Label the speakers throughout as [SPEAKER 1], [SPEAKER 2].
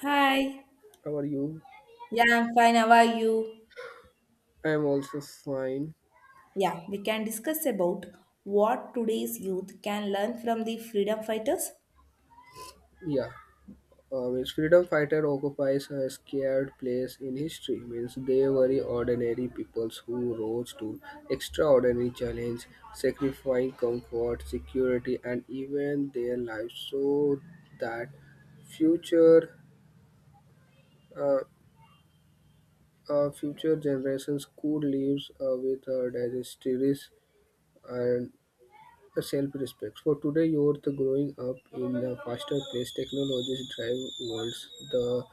[SPEAKER 1] Hi.
[SPEAKER 2] How are you?
[SPEAKER 1] Yeah, I'm fine. How are you?
[SPEAKER 2] I'm also fine.
[SPEAKER 1] Yeah, we can discuss about what today's youth can learn from the freedom fighters.
[SPEAKER 2] Yeah. Means freedom fighter occupies a scared place in history. Means they were ordinary peoples who rose to extraordinary challenge, sacrificing comfort, security, and even their lives so that future uh, future generations could live with dignitaries and self-respect. For today you are the growing up in a faster pace, technologies drive worlds. The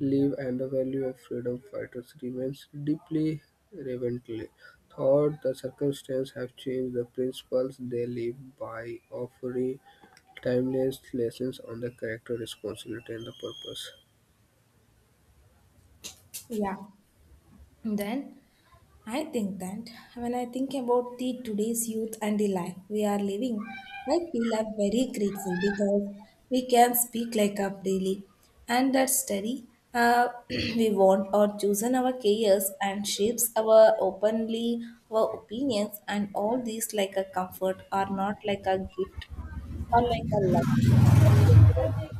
[SPEAKER 2] live and the value of freedom fighters remains deeply relevantly. Thought the circumstance have changed the principles they live by, offering timeless lessons on the character, responsibility, and the purpose.
[SPEAKER 1] Yeah. Then I think that when I think about the today's youth and the life we are living, I feel I'm very grateful, because we can speak like up daily and that study, we want or chosen our careers and shapes our openly our opinions, and all these like a comfort are not like a gift or like a love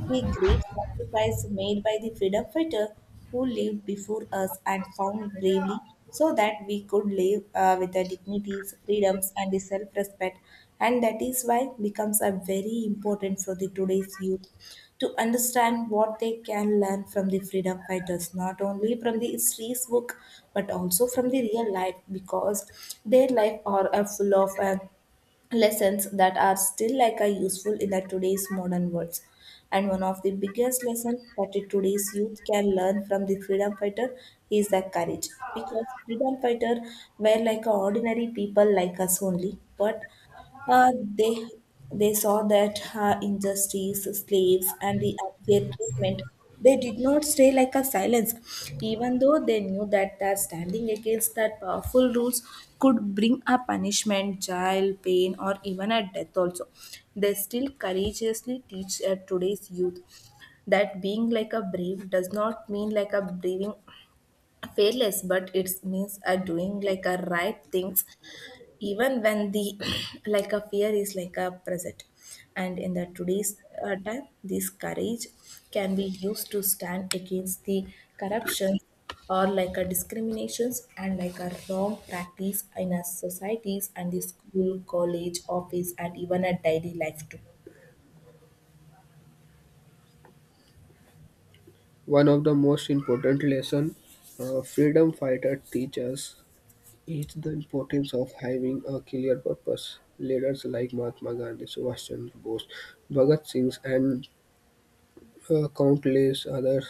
[SPEAKER 1] the great sacrifice made by the freedom fighter who lived before us and found bravely, so that we could live with the dignities, freedoms, and the self-respect. And that is why becomes a very important for the today's youth to understand what they can learn from the freedom fighters, not only from the history's book, but also from the real life, because their life are full of lessons that are still like are useful in the today's modern world. And one of the biggest lessons that the today's youth can learn from the freedom fighter is the courage. Because freedom fighter were like a ordinary people like us only, but uh, they they saw that her injustice, slaves, and the unfair treatment. They did not stay like a silence, even though they knew that their standing against that powerful rules could bring a punishment, jail, pain, or even a death. Also, they still courageously teach today's youth that being like a brave does not mean like a braving fearless, but it means a doing like a right things even when the like a fear is like a present. And in the today's time this courage can be used to stand against the corruption or like a discriminations and like a wrong practice in our societies and the school college office and even a daily life too.
[SPEAKER 2] One of the most important lesson freedom fighter teaches. It's the importance of having a clear purpose. Leaders like Mahatma Gandhi, Subhash Chandra Bose, Bhagat Singh, and countless others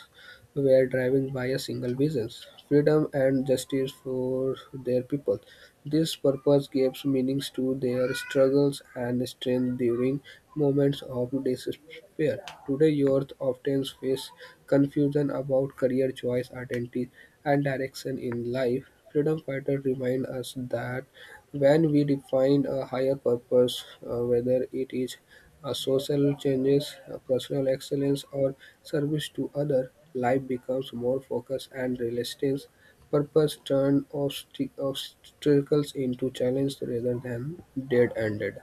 [SPEAKER 2] were driven by a single vision, freedom and justice for their people. This purpose gives meanings to their struggles and strength during moments of despair. Today, youth often face confusion about career choice, identity, and direction in life. Freedom fighters remind us that when we define a higher purpose, whether it is social changes, personal excellence, or service to other, life becomes more focused and realistic. Purpose turn obstacles into challenge rather than dead-ended.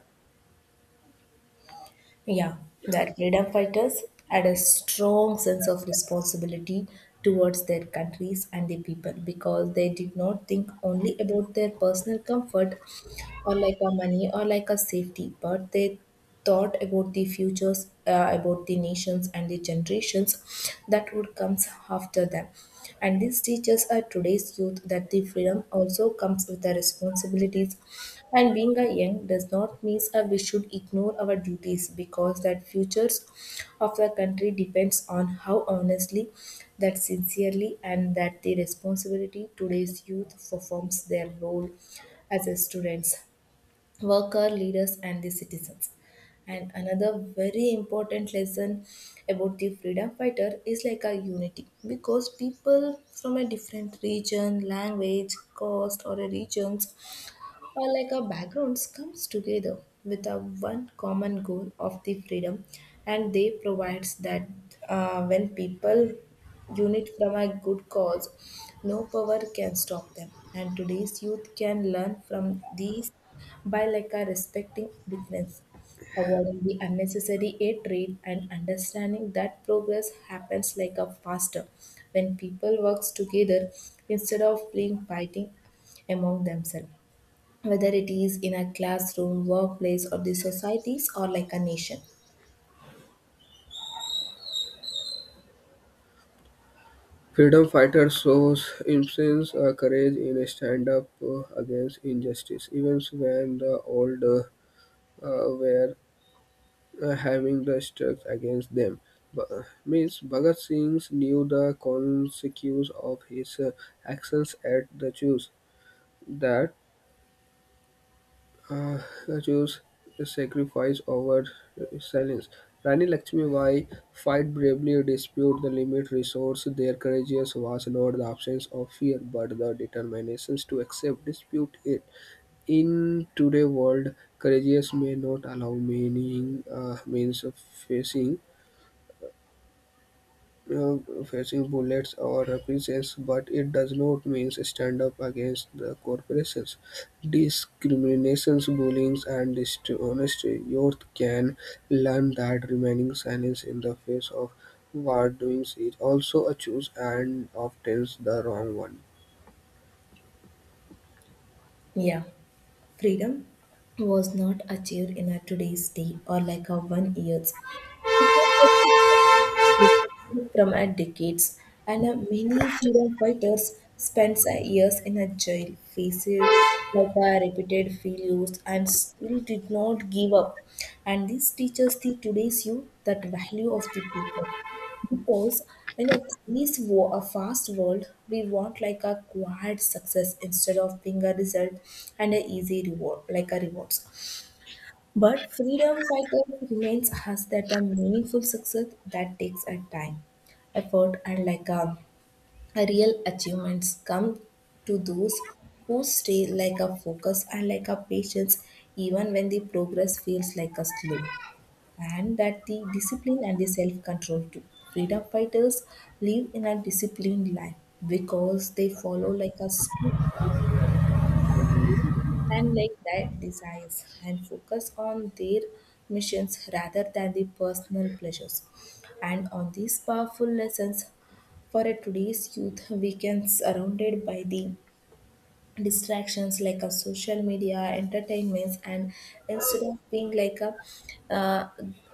[SPEAKER 1] Yeah, that freedom fighters had a strong sense of responsibility towards their countries and the people, because they did not think only about their personal comfort or like a money or like a safety, but they thought about the futures, about the nations and the generations that would come after them. And this teaches our today's youth that the freedom also comes with the responsibilities. And being a young does not mean that we should ignore our duties, because that futures of the country depends on how honestly, that sincerely, and that the responsibility today's youth performs their role as a students worker leaders and the citizens. And another very important lesson about the freedom fighter is like a unity, because people from a different region language caste or a regions or like our backgrounds comes together with a one common goal of the freedom. And they provides that when people unit from a good cause no power can stop them. And today's youth can learn from these by like a respecting difference avoiding the unnecessary aid trade and understanding that progress happens like a faster when people works together instead of being fighting among themselves, whether it is in a classroom, workplace, or the societies or like a nation.
[SPEAKER 2] Freedom fighter shows immense courage in a stand up against injustice, even when the old were having the strikes against them. But, means Bhagat Singh knew the consequences of his actions at the choose that uh, the Jews sacrifice over silence. Rani Lakshmi Bai fight bravely, dispute the limit resource. Their courage was not the absence of fear, but the determinations to accept, dispute it. In today's world, courageous may not allow meaning means of uh, facing bullets or reprisals, but it does not mean stand up against the corporations. Discriminations, bullying, and dishonesty. Youth can learn that remaining silent in the face of wrongdoing is also a choice and often the wrong one.
[SPEAKER 1] Yeah, freedom was not achieved in a today's day or like a 1 years. It was from a decades, and a many freedom fighters spent years in a jail facing like a repeated failures and still did not give up. And this teaches the today's youth that value of the people. Because in this war, a fast world, we want like a quiet success instead of being a result and a easy reward, like a rewards. But freedom fighters remains has that the meaningful success that takes a time, effort, and like a real achievements come to those who stay like a focus and like a patience even when the progress feels like a slow. And that the discipline and the self-control too. Freedom fighters live in a disciplined life because they follow like a school and like that desires and focus on their missions rather than the personal pleasures. And on these powerful lessons for a today's youth we can surrounded by the distractions like a social media entertainments and instead of being like a uh,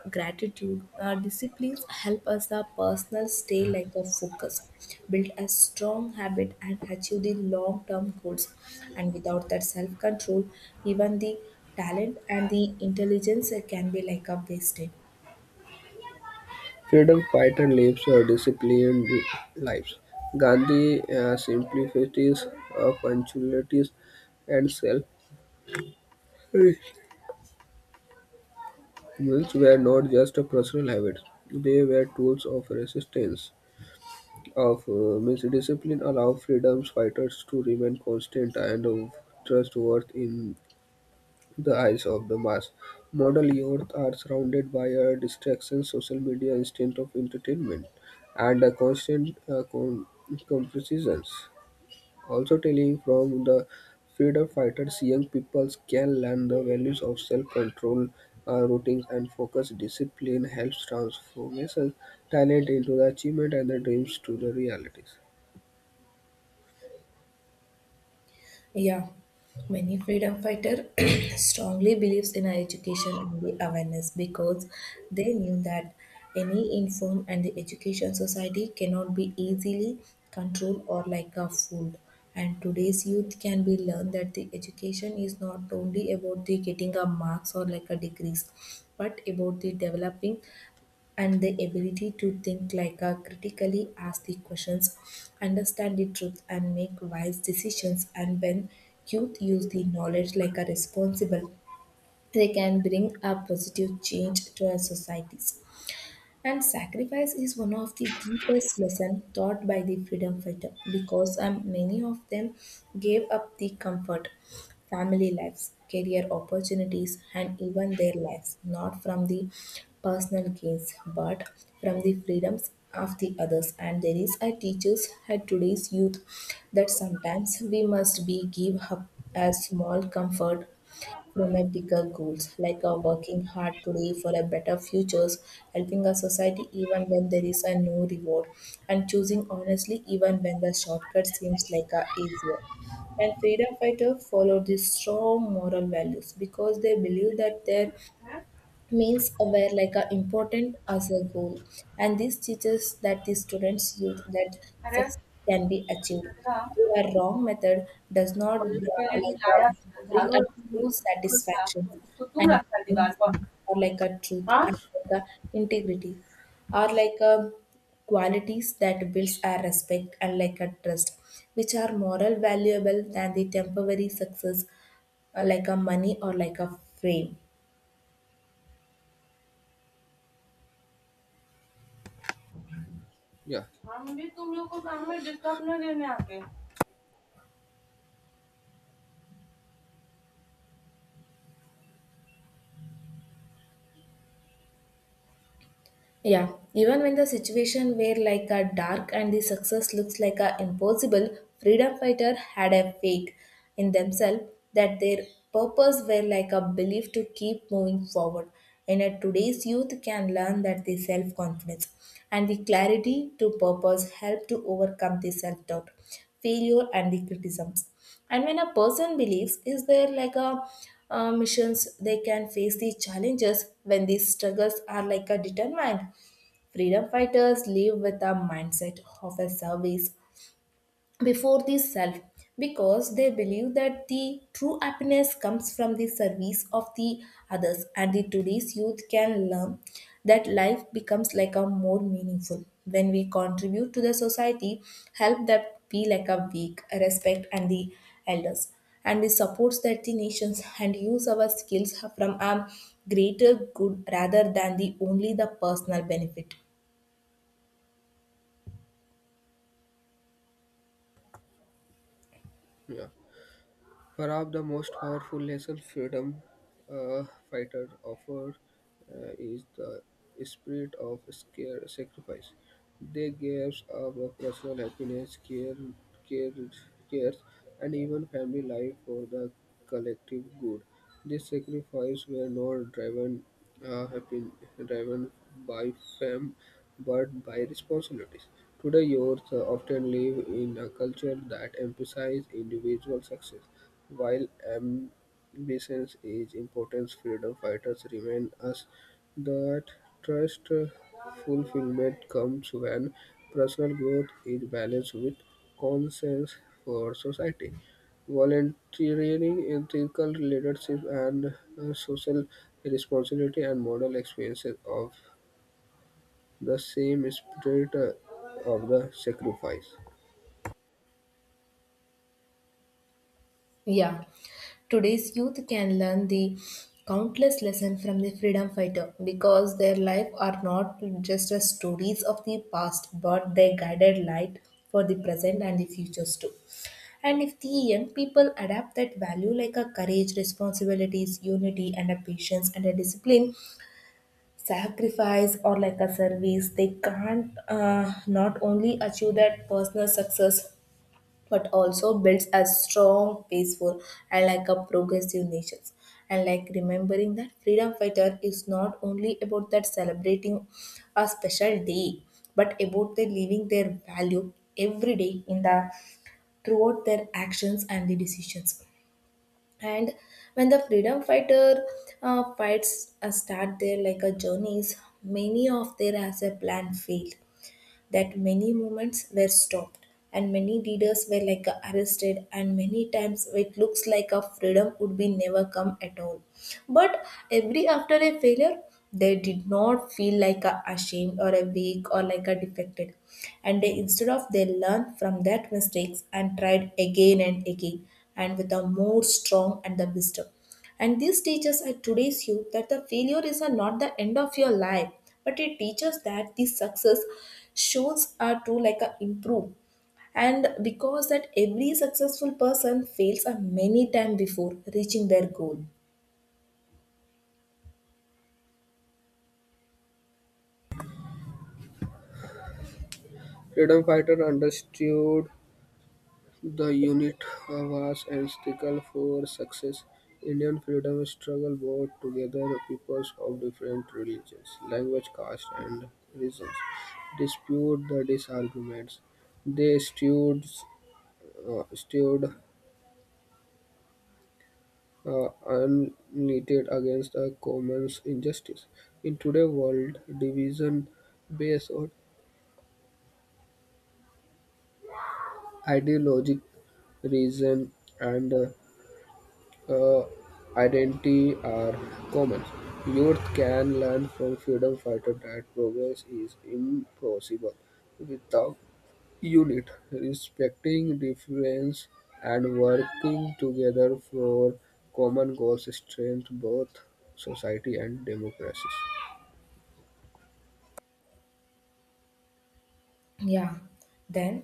[SPEAKER 1] gratitude disciplines help us our personal stay like a focus build a strong habit and achieve the long term goals. And without that self control even the talent and the intelligence can be like a wasted.
[SPEAKER 2] Freedom fighter lives a disciplined lives. Gandhi simplicities, punctualities, and self Mills were not just personal habits, they were tools of resistance. Of means discipline allow freedom fighters to remain constant and of trustworthy in the eyes of the mass. Modern youth are surrounded by a distraction, social media, instant of entertainment, and a constant comparisons. Also telling from the freedom fighters, young people can learn the values of self-control, routines, and focus. Discipline helps transformation talent into the achievement and the dreams to the realities.
[SPEAKER 1] Yeah, many freedom fighter strongly believes in our education and the awareness, because they knew that any inform and the education society cannot be easily controlled or like a fooled. And today's youth can be learned that the education is not only about the getting a marks or like a degrees, but about the developing and the ability to think like a critically ask the questions understand the truth and make wise decisions. And when youth use the knowledge like a responsible they can bring a positive change to our societies. And sacrifice is one of the deepest lessons taught by the freedom fighter, because many of them gave up the comfort, family lives, career opportunities, and even their lives, not from the personal gains, but from the freedoms of the others. And there is a teaches at today's youth that sometimes we must be give up a small comfort women bigger goals, like working hard today for a better futures, helping a society even when there is a no reward, and choosing honestly even when the shortcut seems like a easier. And freedom fighters follow these strong moral values because they believe that their means were like a important as a goal. And this teaches that the students youth that
[SPEAKER 2] अरे
[SPEAKER 1] success can be achieved
[SPEAKER 2] सदना
[SPEAKER 1] a wrong method does not
[SPEAKER 2] के लिए जो
[SPEAKER 1] like
[SPEAKER 2] लाया था,
[SPEAKER 1] bring
[SPEAKER 2] झाड़ू
[SPEAKER 1] a true
[SPEAKER 2] रखा था
[SPEAKER 1] satisfaction
[SPEAKER 2] तो उसको तुम
[SPEAKER 1] and
[SPEAKER 2] रखा दीवार पर
[SPEAKER 1] or like a truth
[SPEAKER 2] हाँ।
[SPEAKER 1] and like a integrity are like a qualities that builds our respect and like a trust which are moral valuable than the temporary success like a money or like a fame.
[SPEAKER 2] Yeah, हम भी तुम लोग को काम में disturb ना देने आते।
[SPEAKER 1] Yeah, even when the situation were like a dark and the success looks like a impossible, freedom fighter had a faith in themselves that their purpose were like a belief to keep moving forward. And at today's youth can learn that the self-confidence and the clarity to purpose help to overcome the self-doubt, failure and the criticisms. And when a person believes is there like a missions they can face these challenges when these struggles are like a determined. Freedom fighters live with a mindset of a service before the self, because they believe that the true happiness comes from the service of the others. And the today's youth can learn that life becomes like a more meaningful when we contribute to the society help that be like a weak respect and the elders and the supports that the nations and use our skills from a greater good rather than the only the personal benefit.
[SPEAKER 2] Yeah. Perhaps the most powerful lesson freedom uh, fighters offer is the spirit of scare sacrifice. They gave up of personal happiness, care, cares, and even family life for the collective good. These sacrifices were not uh, happy, driven by fame, but by responsibilities. Today, youth often live in a culture that emphasizes individual success while ambitions is important, freedom fighters remind us that trust fulfillment comes when personal growth is balanced with concerns for society. Volunteering, ethical leadership, and social responsibility and moral experiences of the same spirit of the sacrifice.
[SPEAKER 1] Yeah, today's youth can learn the countless lessons from the freedom fighter, because their life are not just as stories of the past, but they guided light for the present and the futures too. And if the young people adapt that value like a courage, responsibilities, unity, and a patience and a discipline, sacrifice or like a service, they can't not only achieve that personal success but also builds a strong, peaceful, and like a progressive nation. And like remembering that freedom fighter is not only about that celebrating a special day, but about the living their value every day in the throughout their actions and the decisions. And when the freedom fighter fights start their like a journeys, many of their as a plan fail that many movements were stopped and many leaders were like arrested and many times it looks like a freedom would be never come at all. But every after a failure they did not feel like a ashamed or a weak or like a defected. And they instead of they learned from that mistakes and tried again and again and with a more strong and the wisdom. And this teaches at today's youth that the failure is not the end of your life, but it teaches that the success shows are to like a improve. And because that every successful person fails a many time before reaching their goal.
[SPEAKER 2] Freedom fighter understood the unit was integral for success. Indian freedom struggle brought together peoples of different religions, language, caste, and regions. Dispute the disagreements. They stood uh, united against the common injustice. In today's world, division based on ideologic reason and uh, identity are common. Youth can learn from freedom fighters that progress is impossible without unit. Respecting difference and working together for common goals strengthen both society and democracies.
[SPEAKER 1] Yeah. Then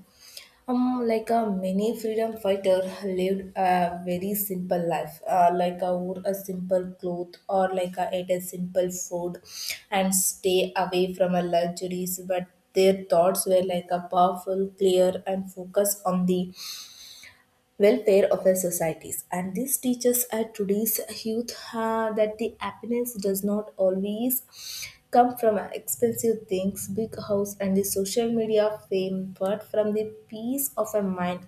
[SPEAKER 1] Like a many freedom fighter lived a very simple life, like a wore a simple cloth or like a ate a simple food, and stay away from a luxuries. But their thoughts were like a powerful, clear, and focused on the welfare of our societies, and this teaches our today's youth that the happiness does not always come from expensive things, big house, and the social media fame, but from the peace of a mind,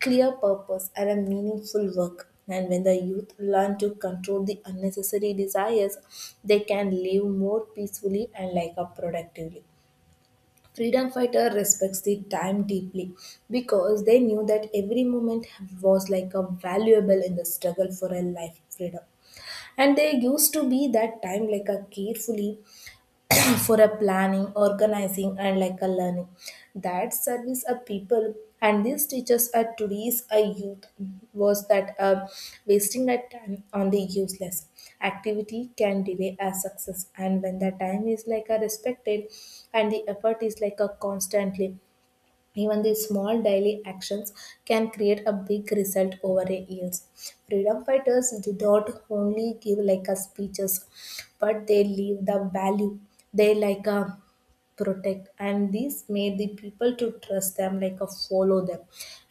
[SPEAKER 1] clear purpose, and a meaningful work. And when the youth learn to control the unnecessary desires, they can live more peacefully and like up productively. Freedom fighter respects the time deeply because they knew that every moment was like a valuable in the struggle for a life freedom. And they used to be that time like a carefully for a planning, organizing, and like a learning that service a people. And these teachers are today's a youth was that wasting that time on the useless activity can delay a success. And when the time is like a respected and the effort is like a constantly, even the small daily actions can create a big result over a years. Freedom fighters did not only give like a speeches, but they leave the value. They like a protect, and this made the people to trust them, like a follow them.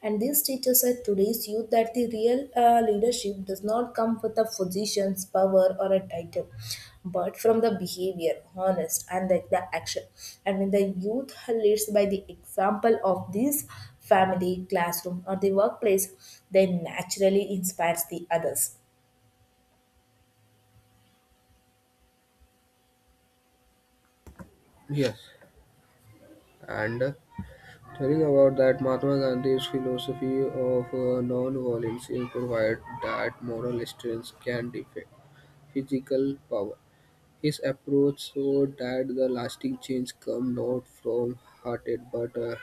[SPEAKER 1] And this teaches us today's youth that the real leadership does not come with a positions, power, or a title, but from the behavior, honest, and the action. And when the youth leads by the example of this family, classroom, or the workplace, they naturally inspires the others.
[SPEAKER 2] Yes, and telling about that Mahatma Gandhi's philosophy of non-violence provide that moral strength can defeat physical power. His approach showed that the lasting change comes not from hearted, but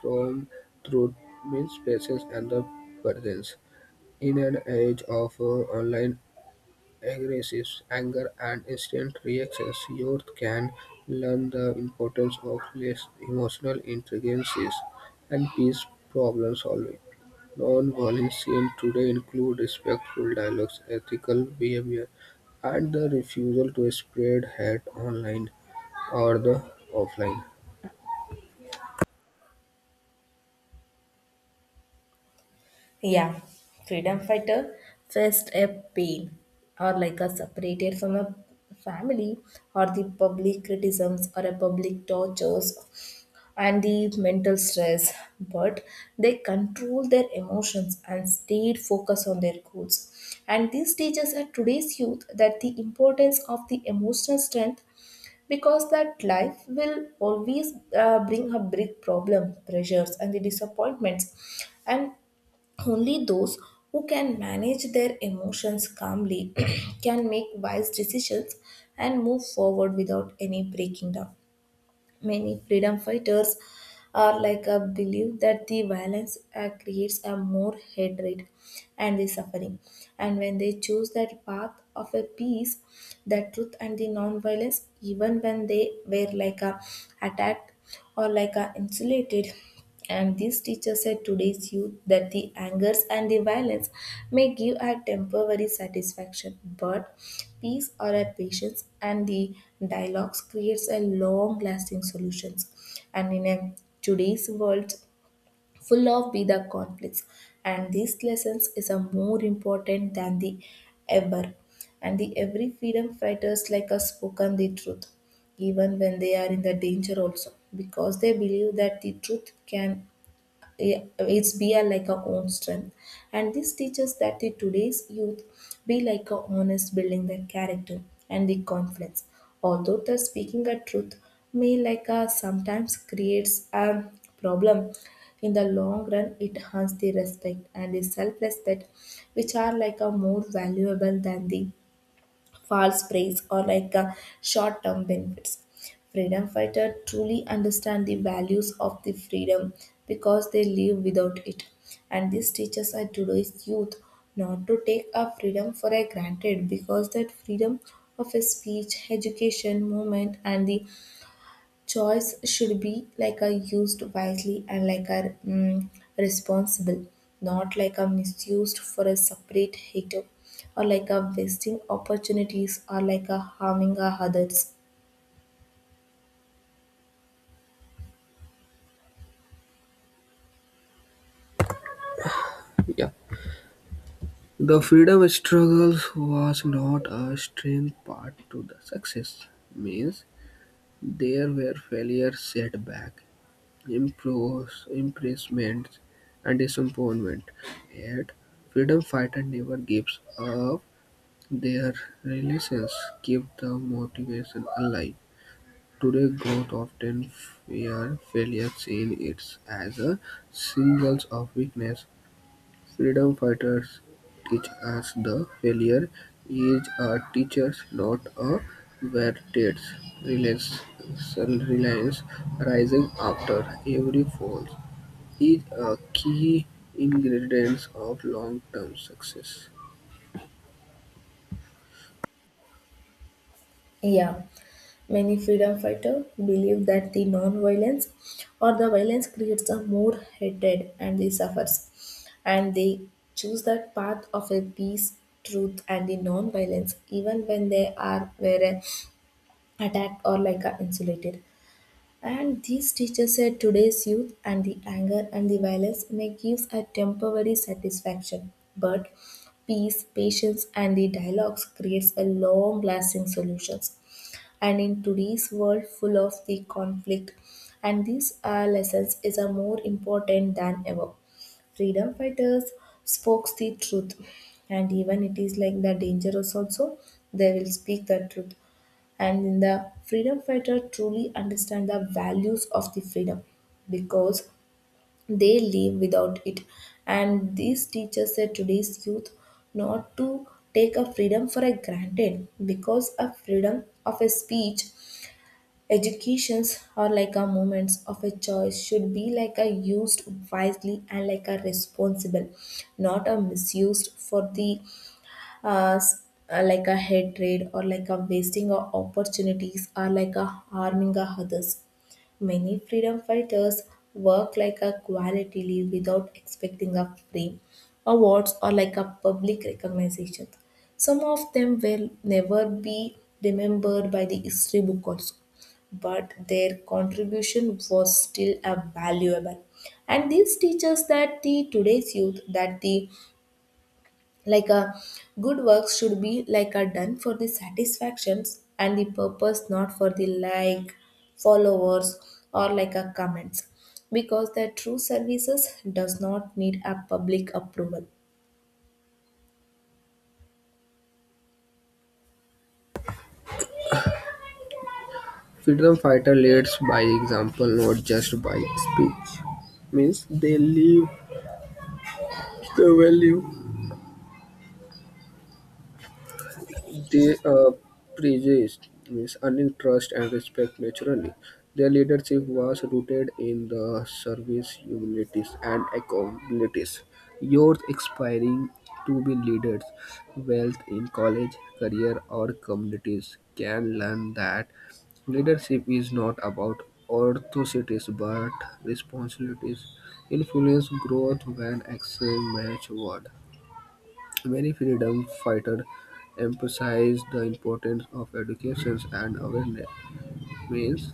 [SPEAKER 2] from truth, means presence and the presence. In an age of online aggressive anger and instant reactions, youth can learn the importance of less emotional intelligence and peace problem solving. Non-violence today include respectful dialogues, ethical behavior, and the refusal to spread hate online or the offline.
[SPEAKER 1] Yeah, freedom fighter faced a pain or like a separated from a family or the public criticisms or a public tortures and the mental stress, but they control their emotions and stayed focused on their goals. And these teaches at today's youth that the importance of the emotional strength, because that life will always bring a big problem, pressures, and the disappointments. And only those who can manage their emotions calmly can make wise decisions and move forward without any breaking down. Many freedom fighters are like a belief that the violence creates a more hatred and the suffering. And when they choose that path of a peace, the truth, and the non-violence, even when they were like a attacked or like are insulated. And this teacher said today's youth that the angers and the violence may give a temporary satisfaction, but peace or a patience and the dialogues creates a long lasting solutions. And in a today's world, full of be the conflicts, and these lessons is a more important than the ever. And the every freedom fighters like us spoken the truth, even when they are in the danger also, because they believe that the truth can, yeah, it's be a, like a own strength. And this teaches that the today's youth be like a honest, building their character and the confidence, although the speaking a truth may like a sometimes creates a problem. In the long run, it harms the respect and the self-respect, which are like a more valuable than the false praise or like short-term benefits. Freedom fighters truly understand the values of the freedom because they live without it. And this teaches our today's youth not to take our freedom for a granted, because that freedom of a speech, education, movement, and the choice should be like a used wisely and like a responsible, not like a misused for a separate hater or like a wasting opportunities or like a harming a others.
[SPEAKER 2] Yeah. The freedom struggles was not a strange part to the success. Means there were failure, setback, imprisonment, and disappointment. Yet freedom fighter never gives up. Their releases kept the motivation alive. Today, growth often fear failure, seeing it as a signal of weakness. Freedom fighters teach us the failure is a teacher, not a verdict. Reliance, reliance rising after every fall is a key ingredient of long-term success.
[SPEAKER 1] Yeah. Many freedom fighters believe that the non-violence or the violence creates a more hatred and they suffers. And they choose that path of a peace, truth, and the non-violence, even when they are where attacked or like insulated. And these teachers said today's youth and the anger and the violence may give a temporary satisfaction, but peace, patience, and the dialogues creates a long-lasting solutions. And in today's world full of the conflict, and these lessons is a more important than ever. Freedom fighters spoke the truth, and even it is like the dangerous also, they will speak the truth. And the freedom fighter truly understand the values of the freedom because they live without it. And these teachers that today's youth not to take a freedom for a granted, because a freedom of a speech, educations, or like a moments of a choice should be like a used wisely and like a responsible, not a misused for the uh, s- like a hatred or like a wasting of opportunities or like a harming of others. Many freedom fighters work like a quality leave without expecting a free awards or like a public recognition. Some of them will never be remembered by the history book also, but their contribution was still a valuable. And this teaches that the today's youth that the like a good works should be like a done for the satisfactions and the purpose, not for the like followers or like a comments, because their true services does not need a public approval.
[SPEAKER 2] Freedom fighter leads by example, not just by speech. Means they live the value. They preached means earning trust and respect naturally. Their leadership was rooted in the service, humility, and accountabilities. Youth aspiring to be leaders, wealth in college, career, or communities can learn that leadership is not about authorities but responsibilities. Influence growth when action match word. Many freedom fighters emphasized the importance of education and awareness. Means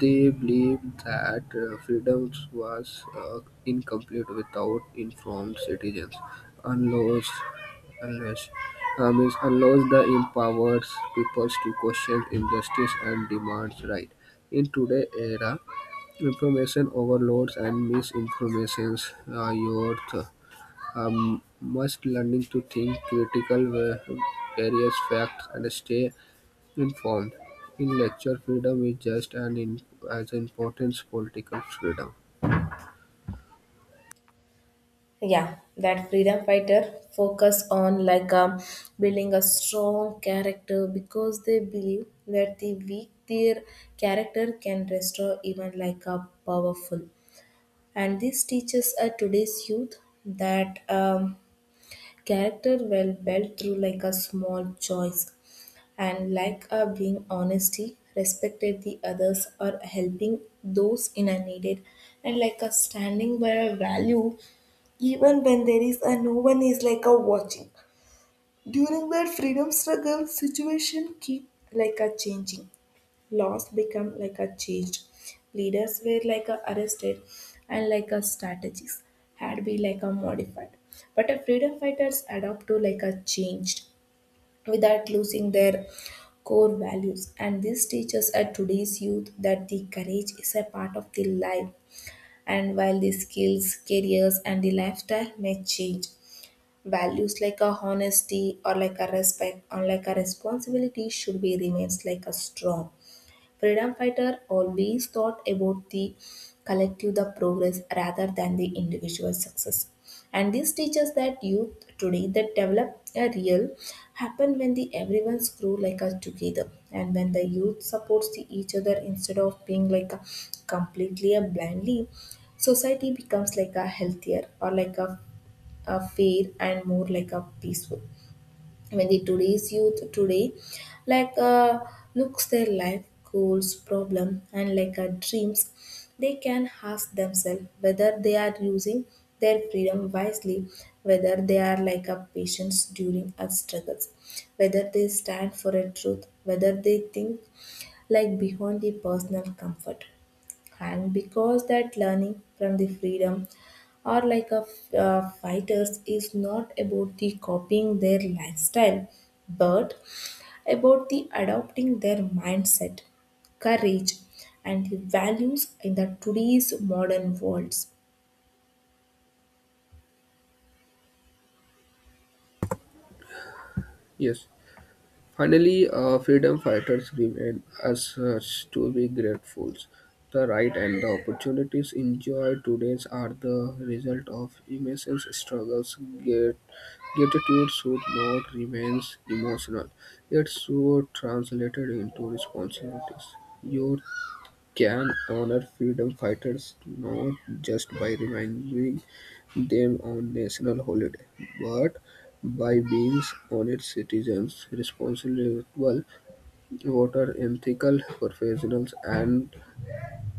[SPEAKER 2] they believed that freedom was incomplete without informed citizens. Unless, unless, unless the empowered peoples to question injustice and demands right. In today's era, information overloads and misinformations are youth must learning to think critical various facts and stay informed. Intellectual freedom is just as important as political freedom.
[SPEAKER 1] Yeah, that freedom fighter focus on like building a strong character, because they believe that the weak their character can restore even like a powerful. And this teaches today's youth that character well built through like a small choice and like a being honesty, respected the others, or helping those in a needed, and like a standing by a value even when there is a no one is like a watching. During their freedom struggle, situation keep like a changing, laws become like a changed, leaders were like a arrested, and like a strategies had been like a modified, but a freedom fighters adapt to like a changed without losing their core values. And this teaches at today's youth that the courage is a part of the life, and while the skills, careers, and the lifestyle may change, values like a honesty or like a respect or like a responsibility should be remains like a strong. Freedom fighters always thought about the collective, the progress rather than the individual success. And this teaches that youth today that develop a real happen when the everyone's grow like us together. And when the youth supports the each other instead of being like a completely a blindly, society becomes like a healthier or like a fair and more like a peaceful. I mean, the today's youth today, like looks their life goals, problem, and like dreams, they can ask themselves whether they are using their freedom wisely, whether they are like a patience during our struggles, whether they stand for a truth, whether they think like beyond the personal comfort. And because that learning from the freedom or like a fighters is not about the copying their lifestyle, but about the adopting their mindset, courage, and the values in the today's modern worlds.
[SPEAKER 2] Yes. Finally, freedom fighters remain as such to be grateful. The right and the opportunities enjoyed today are the result of immense struggles. Gratitude should not remain emotional. It should translated into responsibilities. Your can honor freedom fighters not just by reminding them on national holiday, but by being honest citizens, responsible voters, ethical professionals, and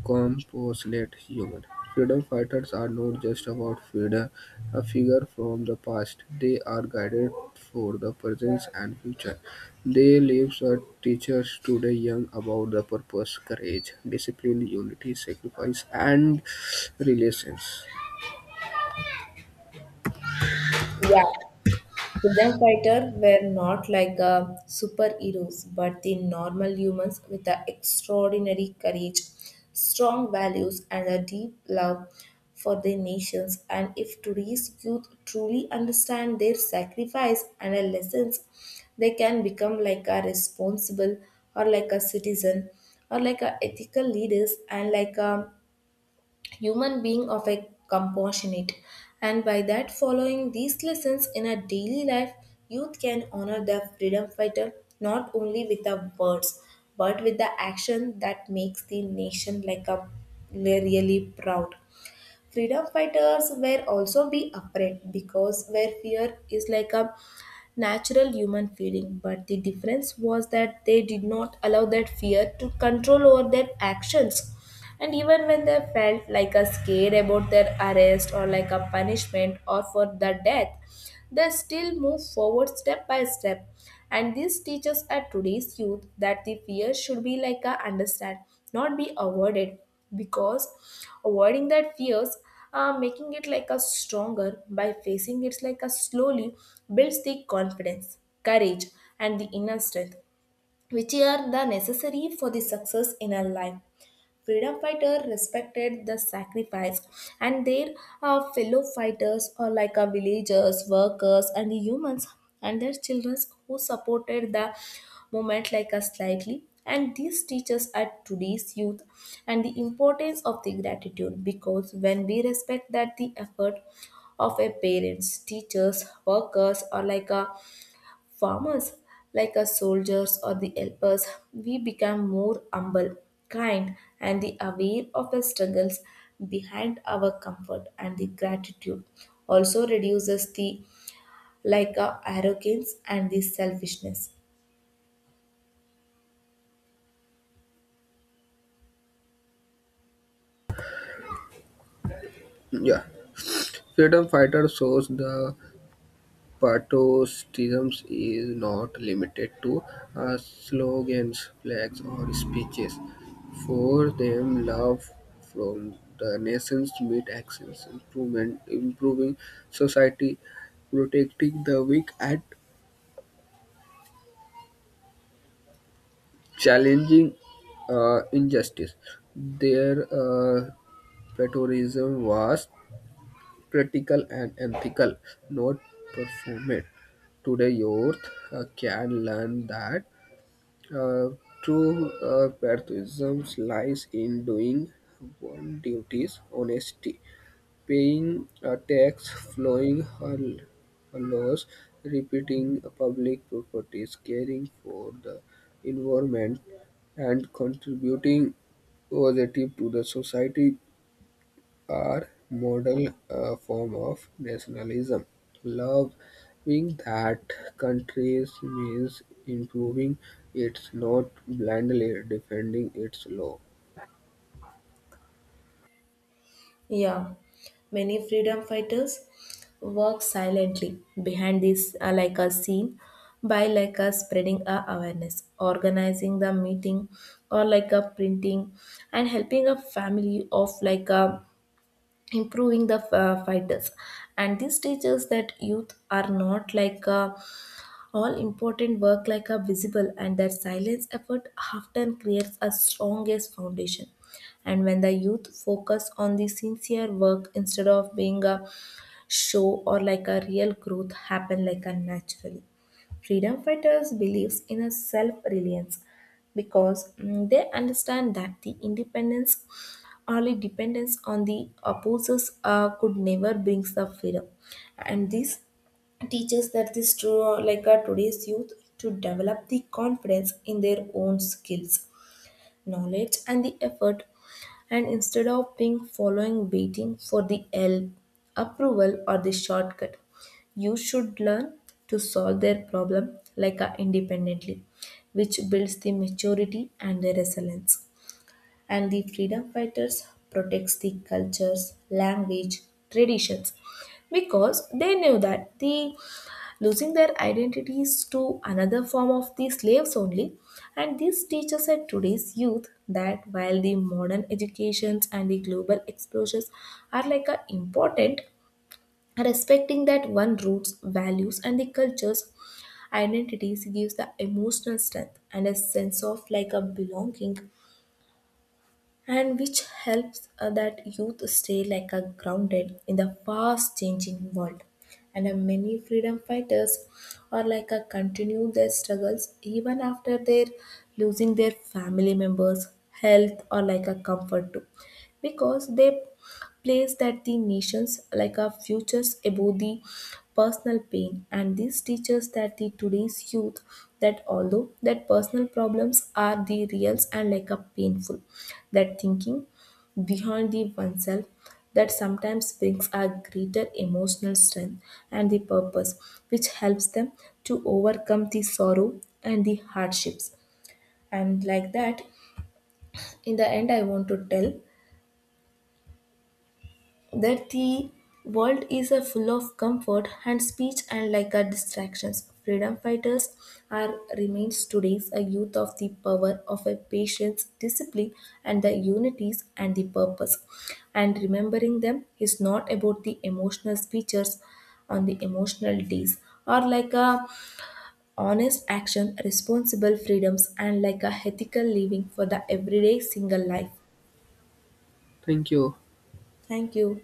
[SPEAKER 2] compassionate human. Freedom fighters are not just about freedom, a figure from the past. They are guided for the present and future. They lives are teachers to the young about the purpose, courage, discipline, unity, sacrifice, and relations.
[SPEAKER 1] Yeah. Freedom fighters were not like superheroes, but the normal humans with the extraordinary courage, strong values, and a deep love for their nations. And if today's youth truly understand their sacrifice and their lessons, they can become like a responsible or like a citizen or like a ethical leaders and like a human being of a compassionate. And by that following these lessons in a daily life, youth can honor the freedom fighter not only with the words, but with the action that makes the nation like a really proud. Freedom fighters were also be afraid, because where fear is like a natural human feeling, but the difference was that they did not allow that fear to control over their actions. And even when they felt like a scare about their arrest or like a punishment or for the death, they still move forward step by step. And this teaches at today's youth that the fear should be like a understand, not be avoided, because avoiding that fears making it like a stronger by facing it like a slowly builds the confidence, courage, and the inner strength, which are the necessary for the success in our life. Freedom fighters respected the sacrifice and their fellow fighters or like villagers, workers, and humans, and their children who supported the movement like us slightly. And these teachers are today's youth and the importance of the gratitude, because when we respect that the effort of a parents, teachers, workers, or like a farmers, like us soldiers or the helpers, we become more humble, kind, and the aware of the struggles behind our comfort. And the gratitude also reduces the like arrogance and the selfishness.
[SPEAKER 2] Yeah, freedom fighter shows the patriotism is not limited to slogans, flags, or speeches. For them, love from the nations meet actions, improvement, improving society, protecting the weak, and challenging injustice. Their patriotism was practical and ethical, not performative. Today, youth can learn that Uh, true patriotism lies in doing one's duties honestly, paying a tax, following her laws, repeating public properties, caring for the environment, and contributing positive to the society are model form of nationalism, loving that country means improving it, not blindly defending its law.
[SPEAKER 1] Yeah, many freedom fighters work silently behind this like a scene by like a spreading a awareness, organizing the meeting, or like a printing and helping a family of like a improving the fighters. And this teaches that youth are not like a all important work like are visible, and their silence effort often creates a strongest foundation. And when the youth focus on the sincere work instead of being a show or like a real growth happen like a naturally. Freedom fighters believes in a self-reliance because they understand that the independence only dependence on the opposers could never brings the freedom. And this teaches that this like our today's youth to develop the confidence in their own skills, knowledge, and the effort, and instead of being following, waiting for the help, approval, or the shortcut, you should learn to solve their problem like independently, which builds the maturity and the resilience. And the freedom fighters protects the cultures, language, traditions, because they knew that the losing their identities to another form of the slaves only. And this teaches at today's youth that while the modern educations and the global exposures are like a important, respecting that one roots, values, and the cultures identities gives the emotional strength and a sense of like a belonging, and which helps that youth stay like a grounded in the fast changing world. And many freedom fighters are like a continue their struggles even after their losing their family members, health, or like a comfort too, because they place that the nations like our futures above the personal pain. And this teaches that the today's youth that although that personal problems are the reals and like a painful, that thinking behind the oneself that sometimes brings a greater emotional strength and the purpose, which helps them to overcome the sorrow and the hardships. And like that, in the end, I want to tell that the world is a full of comfort and speech and like a distractions. Freedom fighters are remains today's a youth of the power of a patience, discipline, and the unities and the purpose. And remembering them is not about the emotional speeches on the emotional days or like a honest action, responsible freedoms, and like a ethical living for the everyday single life.
[SPEAKER 2] Thank you.
[SPEAKER 1] Thank you.